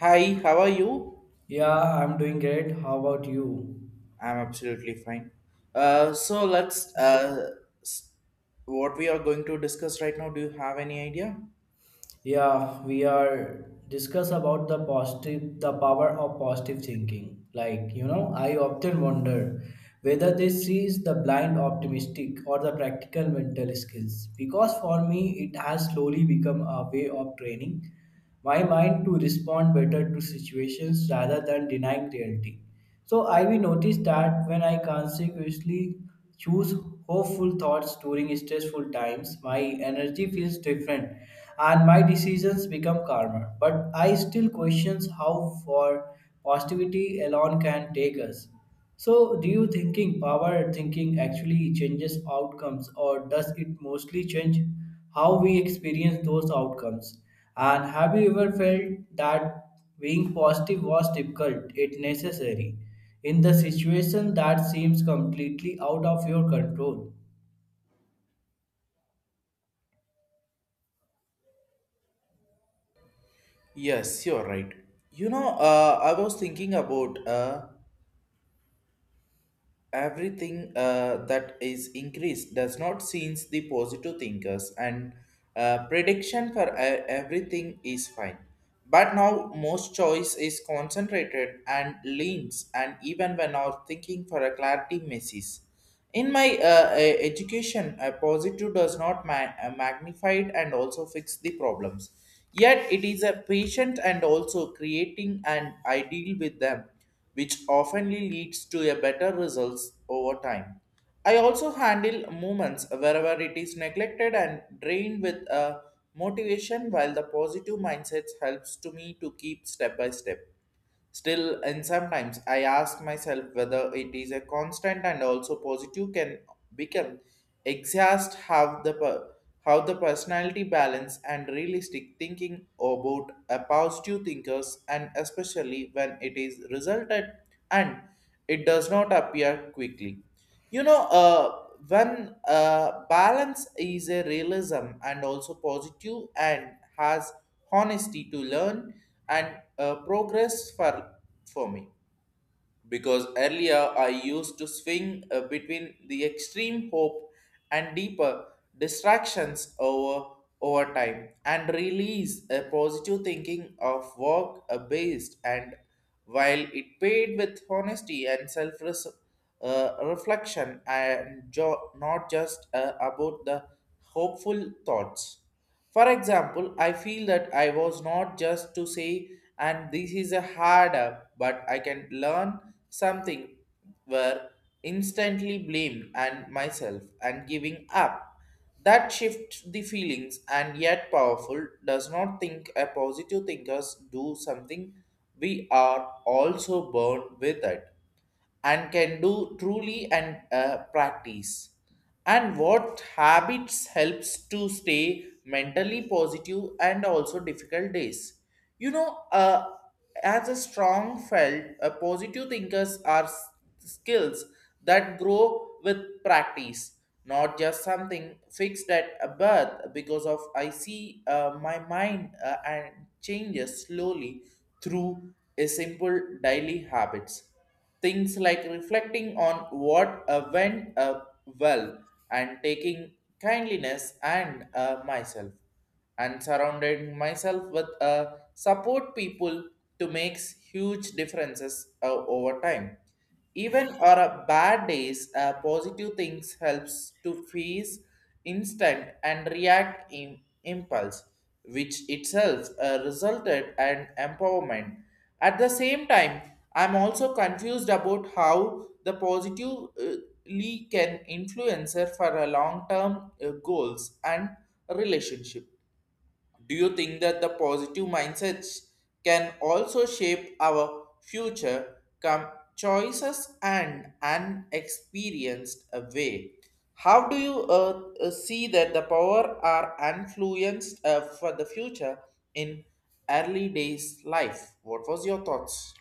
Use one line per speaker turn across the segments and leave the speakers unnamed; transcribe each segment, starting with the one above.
Hi, how are you?
Yeah, I'm doing great. How about you?
I'm absolutely fine. So let's s- what we are going to discuss right now. Do you have any idea?
Yeah, we are discuss about the positive, the power of positive thinking. Like, you know, I often wonder whether this is the blind optimistic or the practical mental skills. Because for me, it has slowly become a way of training my mind to respond better to situations rather than denying reality. So I will notice that when I consciously choose hopeful thoughts during stressful times, my energy feels different and my decisions become calmer. But I still question how far positivity alone can take us. So, do you thinking power thinking actually changes outcomes, or does it mostly change how we experience those outcomes? And have you ever felt that being positive was difficult, it necessary, in the situation that seems completely out of your control?
Yes, you're right. You know, I was thinking about everything that is increased does not seems the positive thinkers and prediction for everything is fine. But now most choice is concentrated and leans and even when our thinking for a clarity misses. In my education, a positive does not magnify it and also fix the problems. Yet it is a patient and also creating an ideal with them, which oftenly leads to a better results over time. I also handle movements wherever it is neglected and drained with a motivation, while the positive mindsets helps to me to keep step by step. Still, and sometimes I ask myself whether it is a constant and also positive can become exhaust how how the personality balance and realistic thinking about a positive thinkers and especially when it is resulted and it does not appear quickly. You know when balance is a realism and also positive and has honesty to learn and progress for me, because earlier I used to swing between the extreme hope and deeper distractions over time and release a positive thinking of work based, and while it paid with honesty and self reflection and not just about the hopeful thoughts. For example, I feel that I was not just to say, and this is a hard up, but I can learn something were instantly blamed and myself and giving up. That shifts the feelings and yet powerful does not think a positive thinkers do something we are also born with it and can do truly and practice, and what habits helps to stay mentally positive and also difficult days. You know as a strong felt positive thinkers are skills that grow with practice, not just something fixed at a birth, because of I see my mind and changes slowly through a simple daily habits. Things like reflecting on what went well, and taking kindliness and myself, and surrounding myself with support people, to make huge differences over time. Even on a bad days, positive things helps to freeze instant and react in impulse, which itself resulted an empowerment. At the same time, I'm also confused about how the positively can influencer for a long-term goals and relationship. Do you think that the positive mindsets can also shape our future choices and unexperienced a way? How do you see that the power are influenced for the future in early days life? What was your thoughts?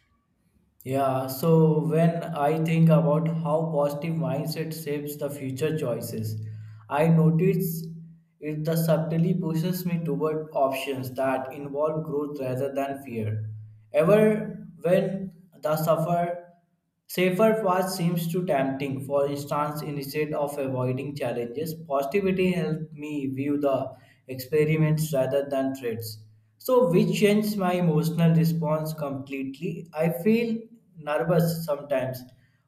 Yeah, so when I think about how positive mindset shapes the future choices, I notice it the subtly pushes me toward options that involve growth rather than fear. Ever when the suffer safer paths seems too tempting. For instance, instead of avoiding challenges, positivity helped me view the experiments rather than threats. So, which changed my emotional response completely. I feel nervous sometimes,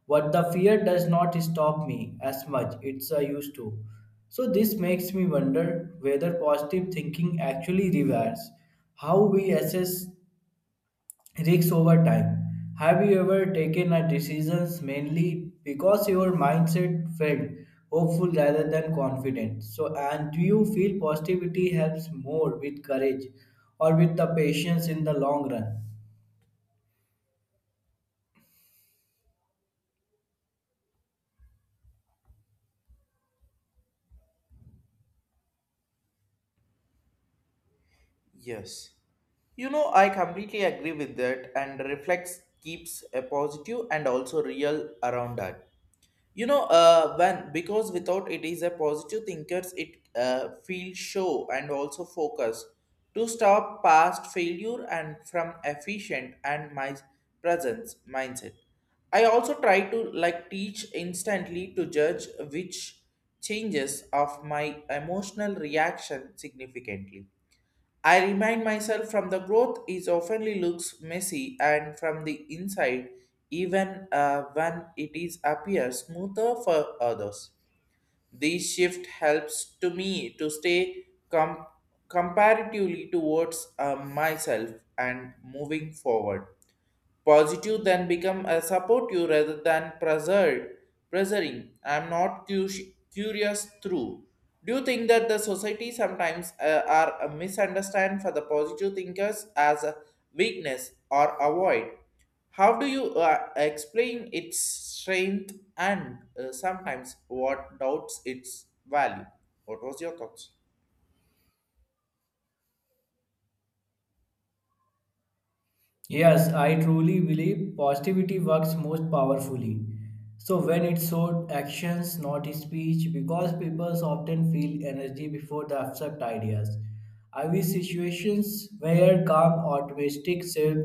but the fear does not stop me as much. It's I used to. So, this makes me wonder whether positive thinking actually reverses how we assess risks over time. Have you ever taken a decisions mainly because your mindset felt hopeful rather than confident? So, and do you feel positivity helps more with courage or with the patience in the long run?
Yes. You know, I completely agree with that and reflex keeps a positive and also real around that. You know when, because without it is a positive thinkers it feel show and also focus to stop past failure and from efficient and my presence mindset. I also try to like teach instantly to judge which changes of my emotional reaction significantly. I remind myself from the growth is oftenly looks messy and from the inside, even when it is appears smoother for others. This shift helps to me to stay comparatively towards myself and moving forward. Positive then become a support you rather than preserving. I'm not cu- curious through. Do you think that the society sometimes are misunderstand for the positive thinkers as a weakness or avoid? How do you explain its strength and sometimes what doubts its value? What was your thoughts?
Yes, I truly believe positivity works most powerfully. So when it's showed actions, not speech, because people often feel energy before the abstract ideas. I wish situations where calm, optimistic, self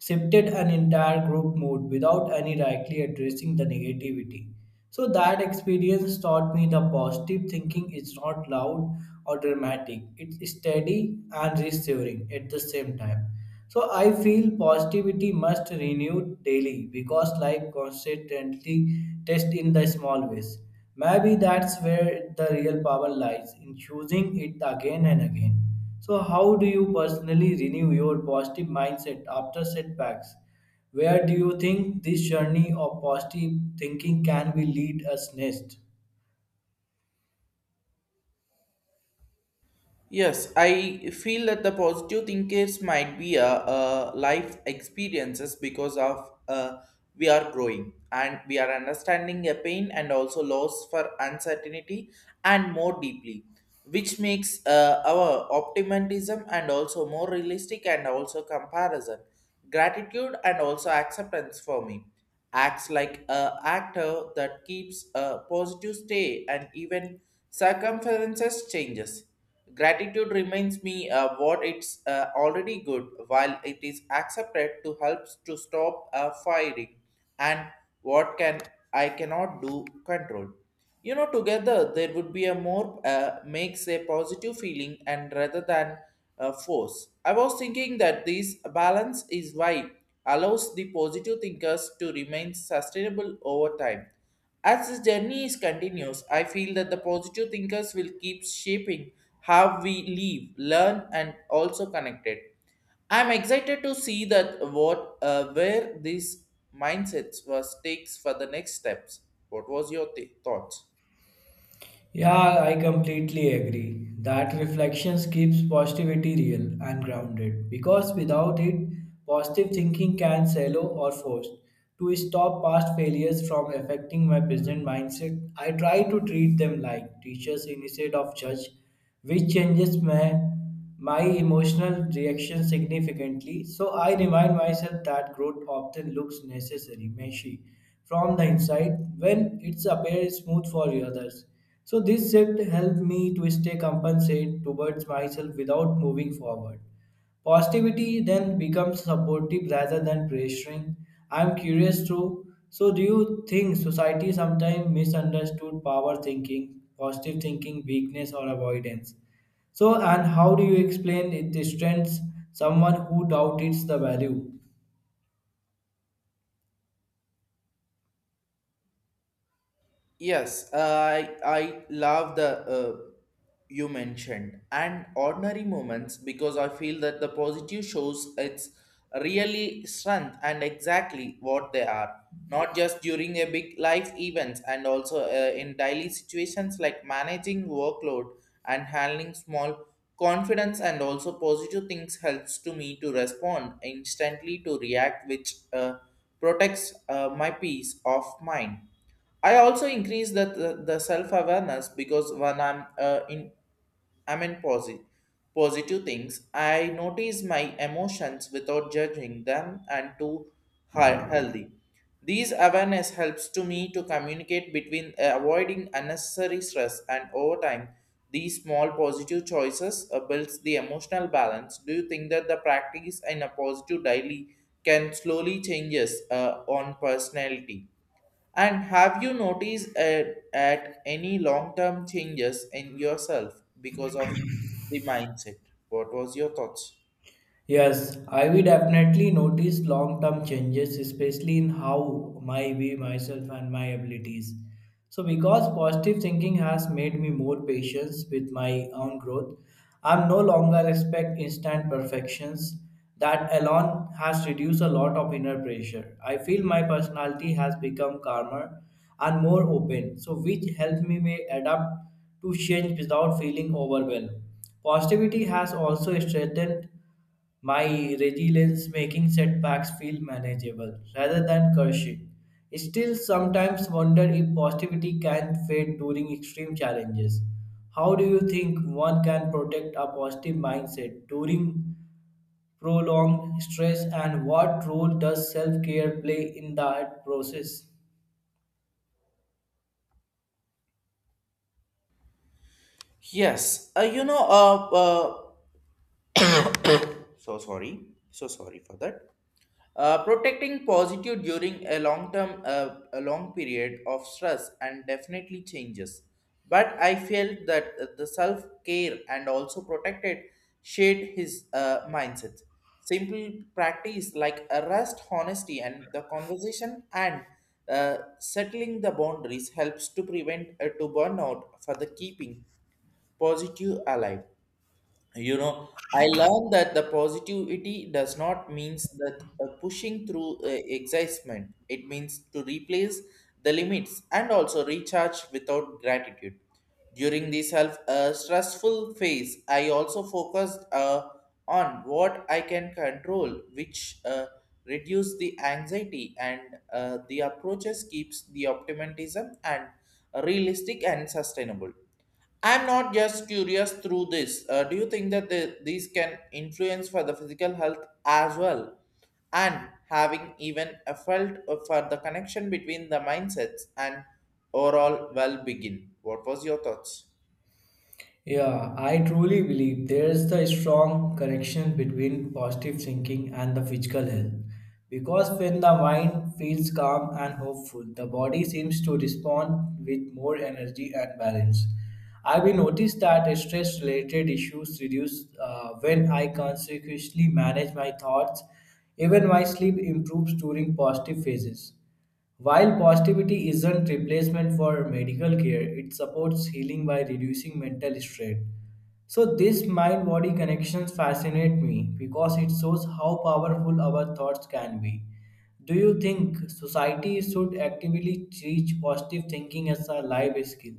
shifted an entire group mood without any directly addressing the negativity. So that experience taught me the positive thinking is not loud or dramatic. It's steady and reassuring at the same time. So I feel positivity must renew daily because life constantly tests in the small ways. Maybe that's where the real power lies in choosing it again and again. So, how do you personally renew your positive mindset after setbacks? Where do you think this journey of positive thinking can be lead us next?
Yes, I feel that the positive thinkers might be a, uh, life experiences because of we are growing and we are understanding a pain and also loss for uncertainty and more deeply, which makes our optimism and also more realistic and also comparison, gratitude and also acceptance for me acts like a actor that keeps a positive stay and even circumferences changes. Gratitude reminds me what it's already good, while it is accepted to help to stop firing, and what can I cannot do control. You know, together there would be a more makes a positive feeling and rather than a force. I was thinking that this balance is why allows the positive thinkers to remain sustainable over time. As this journey is continuous, I feel that the positive thinkers will keep shaping how we live, learn, and also connected. I'm excited to see that what where these mindsets was takes for the next steps. What was your thoughts?
Yeah, I completely agree. That reflections keeps positivity real and grounded because without it, positive thinking can shallow or forced. To stop past failures from affecting my present mindset, I try to treat them like teachers instead of judge, which changes my emotional reaction significantly. So I remind myself that growth often looks necessary, messy from the inside when it appears smooth for others. So this shift helped me to stay compensate towards myself without moving forward. Positivity then becomes supportive rather than pressuring. I'm curious too. So do you think society sometimes misunderstood power thinking, positive thinking, weakness or avoidance? So and how do you explain it strengths someone who doubts the value?
Yes, I love the you mentioned and ordinary moments, because I feel that the positive shows its really strength and exactly what they are. Not just during a big life events and also in daily situations like managing workload and handling small confidence, and also positive things helps to me to respond instantly to react, which protects my peace of mind. I also increase the self awareness, because when I'm in positive things, I notice my emotions without judging them and to healthy. These awareness helps to me to communicate between avoiding unnecessary stress and over time. These small positive choices builds the emotional balance. Do you think that the practice in a positive daily can slowly changes on personality? And have you noticed at any long-term changes in yourself because of the mindset? What was your thoughts?
Yes, I will definitely notice long term changes, especially in how my we myself and my abilities. So because positive thinking has made me more patient with my own growth, I'm no longer expect instant perfections. That alone has reduced a lot of inner pressure. I feel my personality has become calmer and more open, so which helped me may adapt to change without feeling overwhelmed. Positivity has also strengthened my resilience making setbacks feel manageable rather than crushing. Still, sometimes wonder if positivity can fade during extreme challenges. How do you think one can protect a positive mindset during prolonged stress, and what role does self care play in that process?
Yes, you know, so sorry for that. Protecting positive during a long term a long period of stress and definitely changes, but I felt that the self care and also protected shaped his mindset. Simple practice like a rest honesty and the conversation and settling the boundaries helps to prevent to burnout for the keeping positive alive. You know, I learned that the positivity does not means that pushing through excitement, it means to replace the limits and also recharge without gratitude. During this self stressful phase I also focused on what I can control, which reduce the anxiety, and the approaches keeps the optimism and realistic and sustainable. I'm not just curious through this. Do you think that these can influence for the physical health as well? And having even a felt for the connection between the mindsets and overall well-being. What was your thoughts?
Yeah, I truly believe there's the strong connection between positive thinking and the physical health. Because when the mind feels calm and hopeful, the body seems to respond with more energy and balance. I've been noticed that stress related issues reduce when I consequently manage my thoughts. Even my sleep improves during positive phases. While positivity isn't replacement for medical care, it supports healing by reducing mental strain. So this mind-body connections fascinate me because it shows how powerful our thoughts can be. Do you think society should actively teach positive thinking as a life skill?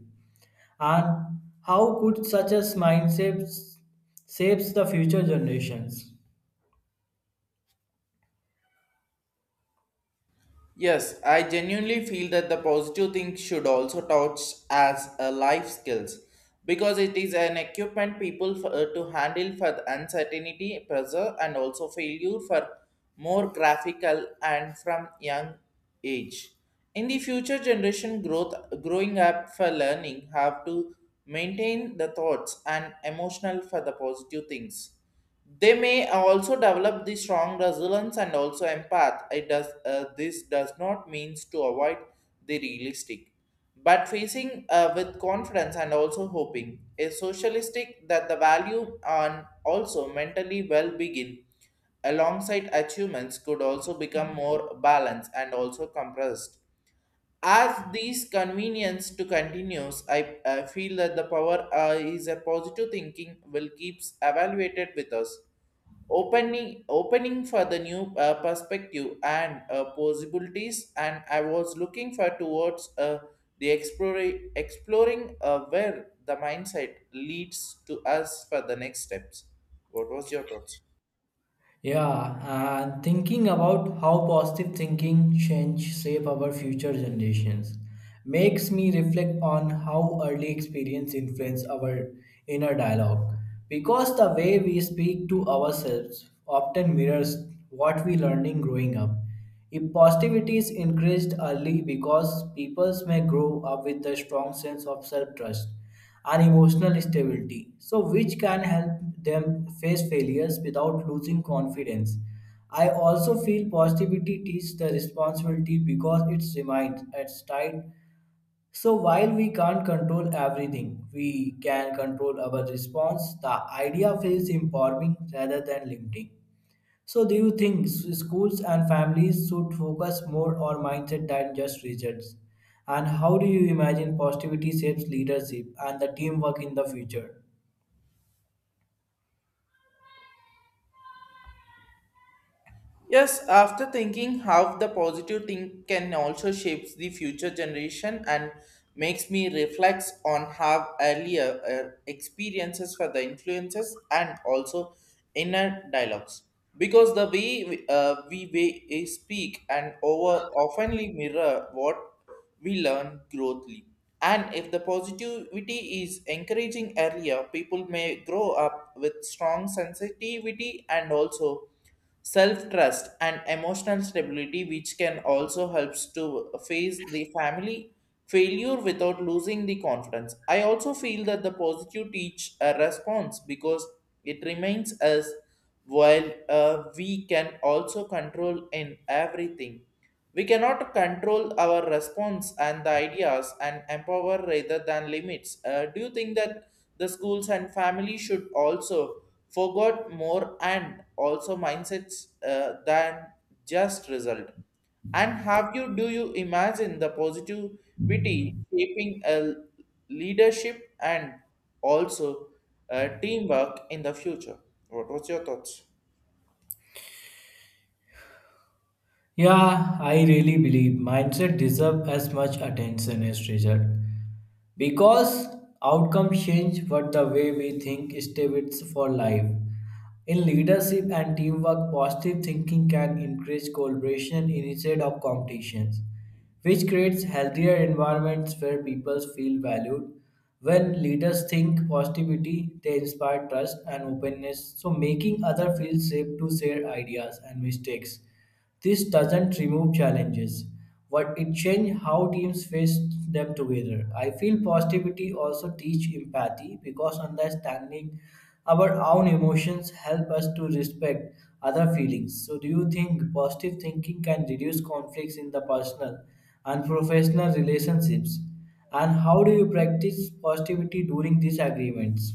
And how could such a mindset shapes the future generations?
Yes, I genuinely feel that the positive thing should also touch as a life skills, because it is an equipment people to handle for the uncertainty, pressure, and also failure for more graphical and from young age. In the future generation, growth growing up for learning have to maintain the thoughts and emotional for the positive things. They may also develop the strong resilience and also empath. It does this does not means to avoid the realistic, but facing with confidence and also hoping a socialistic that the value and also mentally well begin alongside achievements could also become more balanced and also compressed. As these convenience to continues, I feel that the power is a positive thinking will keeps evaluated with us, opening for the new perspective and possibilities, and I was looking for towards the exploring where the mindset leads to us for the next steps. What was your thoughts?
Yeah, and thinking about how positive thinking change shape our future generations makes me reflect on how early experience influence our inner dialogue because the way we speak to ourselves often mirrors what we learning growing up. Impulsivity is increased early because peoples may grow up with a strong sense of self-trust and emotional stability, so which can help them face failures without losing confidence. I also feel positivity teaches the responsibility because it reminds us tight. So while we can't control everything, we can control our response. The idea feels empowering rather than limiting. So, do you think schools and families should focus more on mindset than just results? And how do you imagine positivity shapes leadership and the teamwork in the future?
Yes, after thinking how the positive thing can also shapes the future generation and makes me reflect on how earlier experiences for the influences and also inner dialogues, because the way we speak and over oftenly mirror what we learn growthly. And if the positivity is encouraging earlier, people may grow up with strong sensitivity and also self-trust and emotional stability, which can also helps to face the family failure without losing the confidence. I also feel that the positive teach a response, because it remains us while we can also control in everything, we cannot control our response and the ideas and empower rather than limits. Do you think that the schools and family should also forgot more and also mindsets than just result? And have you do you imagine the positivity shaping a leadership and also teamwork in the future? What was your thoughts?
Yeah, I really believe mindset deserves as much attention as result because outcomes change but the way we think stay with for life. In leadership and teamwork, positive thinking can increase collaboration instead of competitions, which creates healthier environments where people feel valued. When leaders think positivity, they inspire trust and openness, so making others feel safe to share ideas and mistakes. This doesn't remove challenges, but it changes how teams face them together. I feel positivity also teach empathy because understanding our own emotions help us to respect other feelings. So, do you think positive thinking can reduce conflicts in the personal and professional relationships? And how do you practice positivity during disagreements?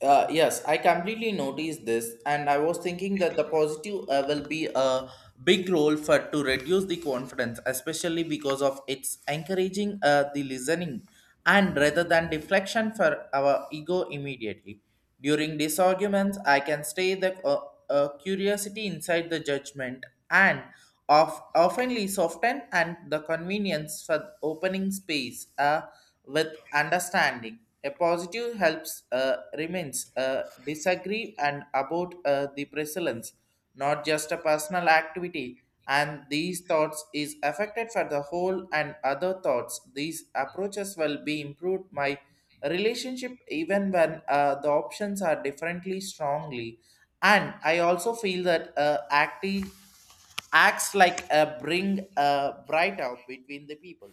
Yes, I completely noticed this, and I was thinking that the positive will be a big role for to reduce the confidence, especially because of its encouraging the listening, and rather than deflection for our ego immediately. During these arguments, I can stay the curiosity inside the judgment and of oftenly soften and the convenience for opening space with understanding. A positive helps remains disagree and about the presence, not just a personal activity. And these thoughts is affected for the whole and other thoughts. These approaches will be improved my relationship even when the options are differently strongly and I also feel that acti acts like a bring a bright out between the people.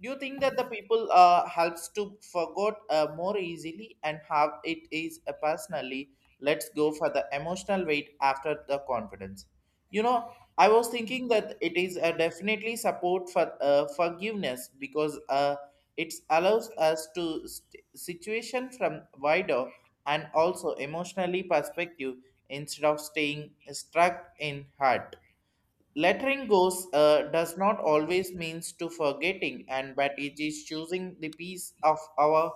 Do you think that the people helps to forget more easily and how it is personally? Let's go for the emotional weight after the confidence. You know, I was thinking that it is definitely support for forgiveness because it allows us to situation from wider and also emotionally perspective instead of staying stuck in hurt. Lettering goes does not always means to forgetting, and but it is choosing the piece of our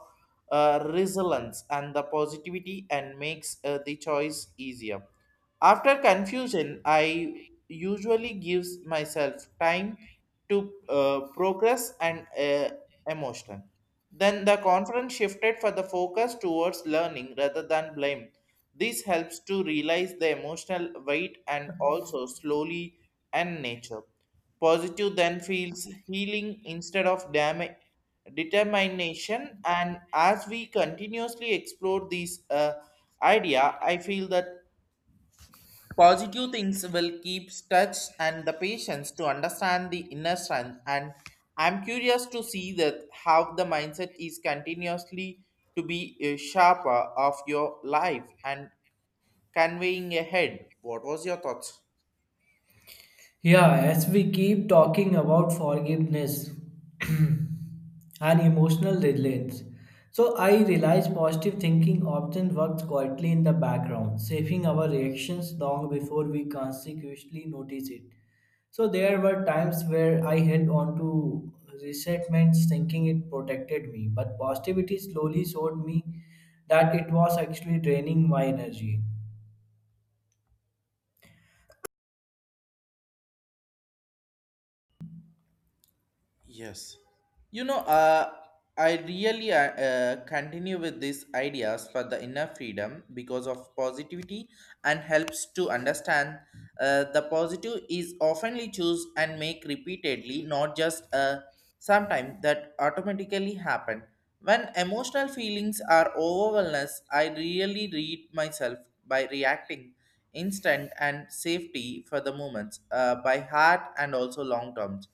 resilience and the positivity and makes the choice easier. After confusion, I usually gives myself time to progress and emotion. Then the conference shifted for the focus towards learning rather than blame. This helps to realize the emotional weight and also slowly and nature. Positive then feels healing instead of determination. And as we continuously explore this idea, I feel that positive things will keep touch and the patience to understand the inner strength and I'm curious to see that how the mindset is continuously to be a sharper of your life and conveying ahead. What was your thoughts?
Yeah, as we keep talking about forgiveness and emotional resilience, so I realize positive thinking often works quietly in the background, shaping our reactions long before we consciously notice it. So there were times where I held on to resentments thinking it protected me, but positivity slowly showed me that it was actually draining my energy.
Yes. You know, I really continue with these ideas for the inner freedom because of positivity and helps to understand the positive is oftenly choose and make repeatedly, not just sometime that automatically happen. When emotional feelings are overwhelmed, I really read myself by reacting instant and safety for the moments by heart and also long terms.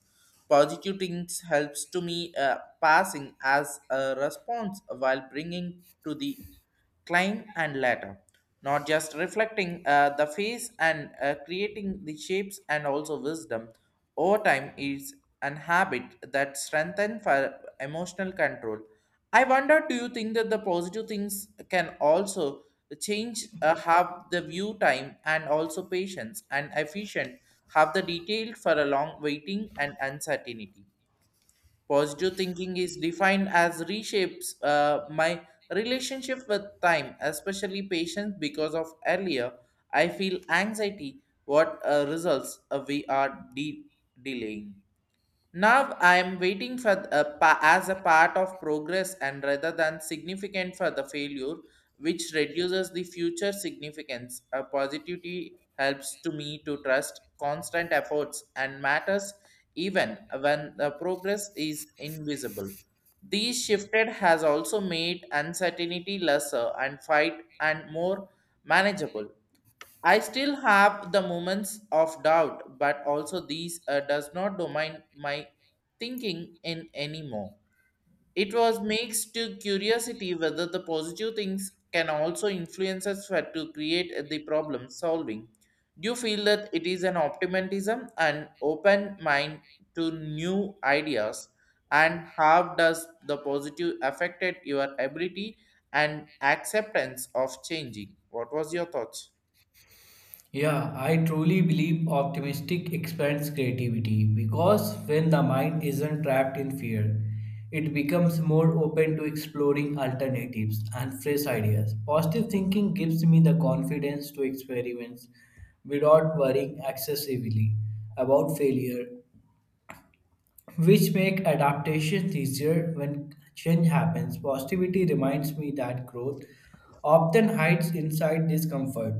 Positivity helps to me passing as a response while bringing to the climb and ladder, not just reflecting the face and creating the shapes and also wisdom. Over time is an habit that strengthens for emotional control. I wonder, do you think that the positive things can also change, have the view time and also patience and efficient, have the detail for a long waiting and uncertainty? Positive thinking is defined as reshapes my relationship with time, especially patience, because of earlier I feel anxiety. What results we are delaying. Now I am waiting for as a part of progress and rather than significant for the failure, which reduces the future significance. A positivity helps to me to trust constant efforts and matters even when the progress is invisible. These shifted has also made uncertainty lesser and fight and more manageable. I still have the moments of doubt, but also these does not domain my thinking in anymore. It was makes to curiosity whether the positive things can also influence us for to create the problem solving. Do you feel that it is an optimism and open mind to new ideas? And how does the positive affected your ability and acceptance of changing? What was your thoughts?
Yeah, I truly believe optimistic expands creativity because when the mind isn't trapped in fear, it becomes more open to exploring alternatives and fresh ideas. Positive thinking gives me the confidence to experiment without worrying excessively about failure, which make adaptations easier when change happens. Positivity reminds me that growth often hides inside discomfort.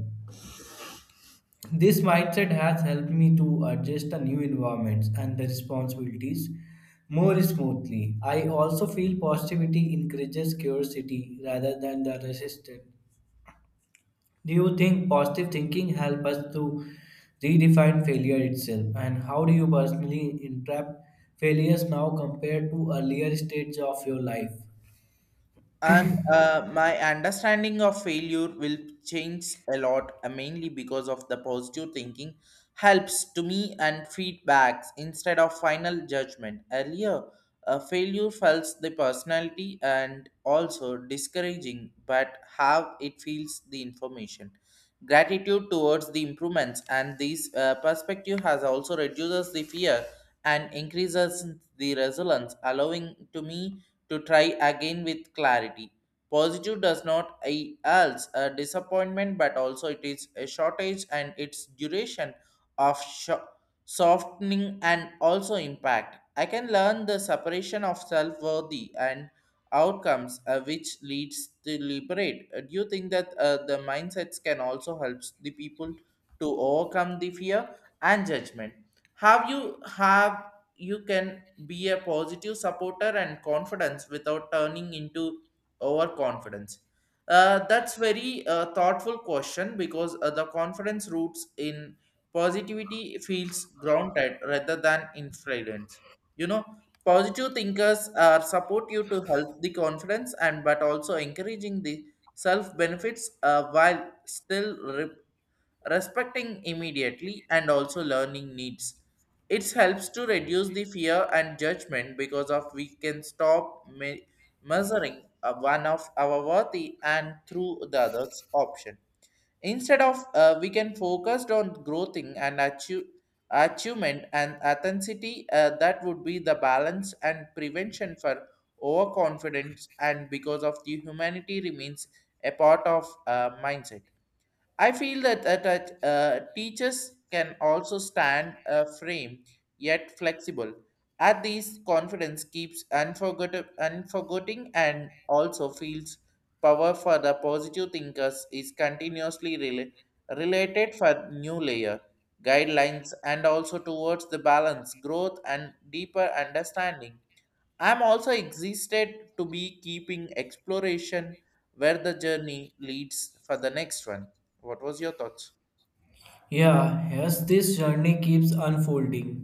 This mindset has helped me to adjust to new environments and the responsibilities more smoothly. I also feel positivity encourages curiosity rather than the resistance. Do you think positive thinking helps us to redefine failure itself? And how do you personally interpret failures now compared to earlier stages of your life?
And my understanding of failure will change a lot, mainly because of the positive thinking helps to me and feedbacks instead of final judgment. Earlier, failure felt the personality and also discouraging, but how it feels the information. Gratitude towards the improvements and this perspective has also reduces the fear and increases the resilience, allowing to me to try again with clarity. Positive does not else a disappointment, but also it is a shortage and its duration of softening and also impact. I can learn the separation of self worthy and outcomes which leads to liberate. Do you think that the mindsets can also help the people to overcome the fear and judgment? Have you can be a positive supporter and confidence without turning into overconfidence. That's very thoughtful question because the confidence roots in positivity feels grounded rather than influence. You know, positive thinkers are support you to help the confidence and but also encouraging the self benefits while still respecting immediately and also learning needs. It helps to reduce the fear and judgment because of we can stop measuring one of our worthy and through the other's option. Instead of we can focus on achievement and authenticity that would be the balance and prevention for overconfidence and because of the humanity remains a part of mindset. I feel that, that teachers can also stand a frame, yet flexible. At these, confidence keeps unforgetting and also feels power for the positive thinkers is continuously related for new layer guidelines and also towards the balance, growth, and deeper understanding. I'm also excited to be keeping exploration where the journey leads for the next one. What was your thoughts?
Yeah, yes, this journey keeps unfolding.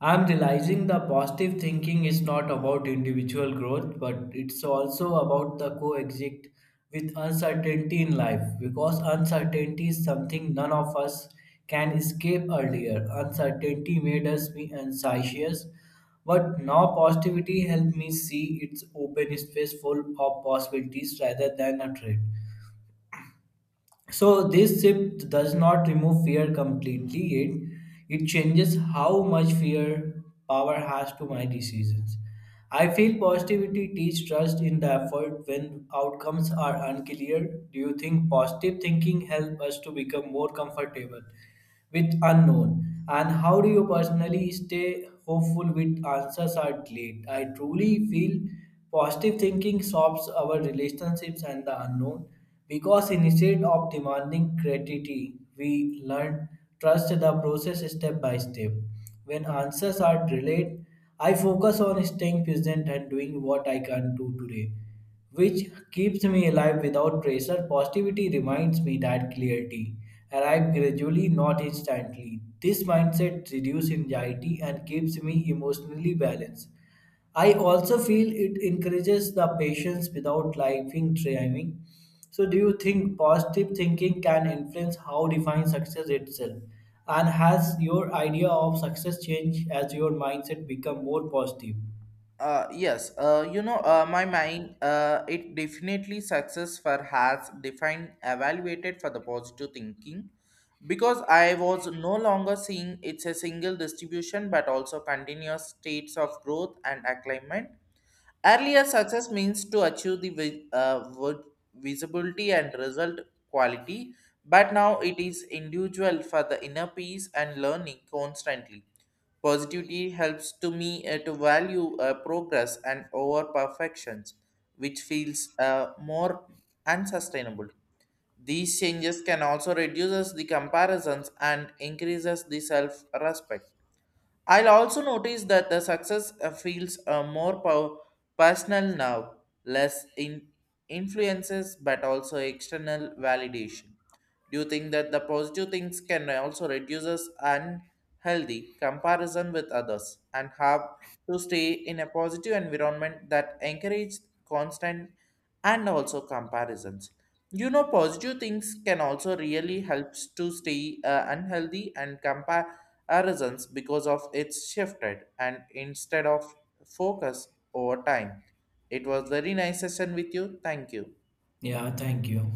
I'm realizing the positive thinking is not about individual growth, but it's also about the coexist with uncertainty in life because uncertainty is something none of us can escape earlier. Uncertainty made us be anxious, but now positivity helped me see its open space full of possibilities rather than a threat. So this shift does not remove fear completely. It changes how much fear power has to my decisions. I feel positivity teach trust in the effort when outcomes are unclear. Do you think positive thinking help us to become more comfortable with unknown, and how do you personally stay hopeful with answers are delayed? I truly feel positive thinking solves our relationships and the unknown because instead of demanding gratitude we learn trust the process step by step. When answers are delayed, I focus on staying present and doing what I can do today, which keeps me alive without pressure. Positivity reminds me that clarity arrives gradually, not instantly. This mindset reduces anxiety and keeps me emotionally balanced. I also feel it encourages the patience without lifing driving. So, do you think positive thinking can influence how define success itself? And has your idea of success changed as your mindset become more positive?
Yes, you know, my mind, it definitely success for has defined, evaluated for the positive thinking because I was no longer seeing it's a single distribution but also continuous states of growth and acclimate. Earlier success means to achieve the visibility and result quality, but now it is individual for the inner peace and learning constantly. Positivity helps to me to value progress and over perfections, which feels more unsustainable. These changes can also reduces the comparisons and increases the self-respect. I'll also notice that the success feels more personal now, less in influences but also external validation. Do you think that the positive things can also reduce us unhealthy comparison with others and have to stay in a positive environment that encourages constant and also comparisons? You know, positive things can also really helps to stay unhealthy and comparisons because of its shifted and instead of focus over time. It was very nice session with you. Thank you.
Yeah, thank you.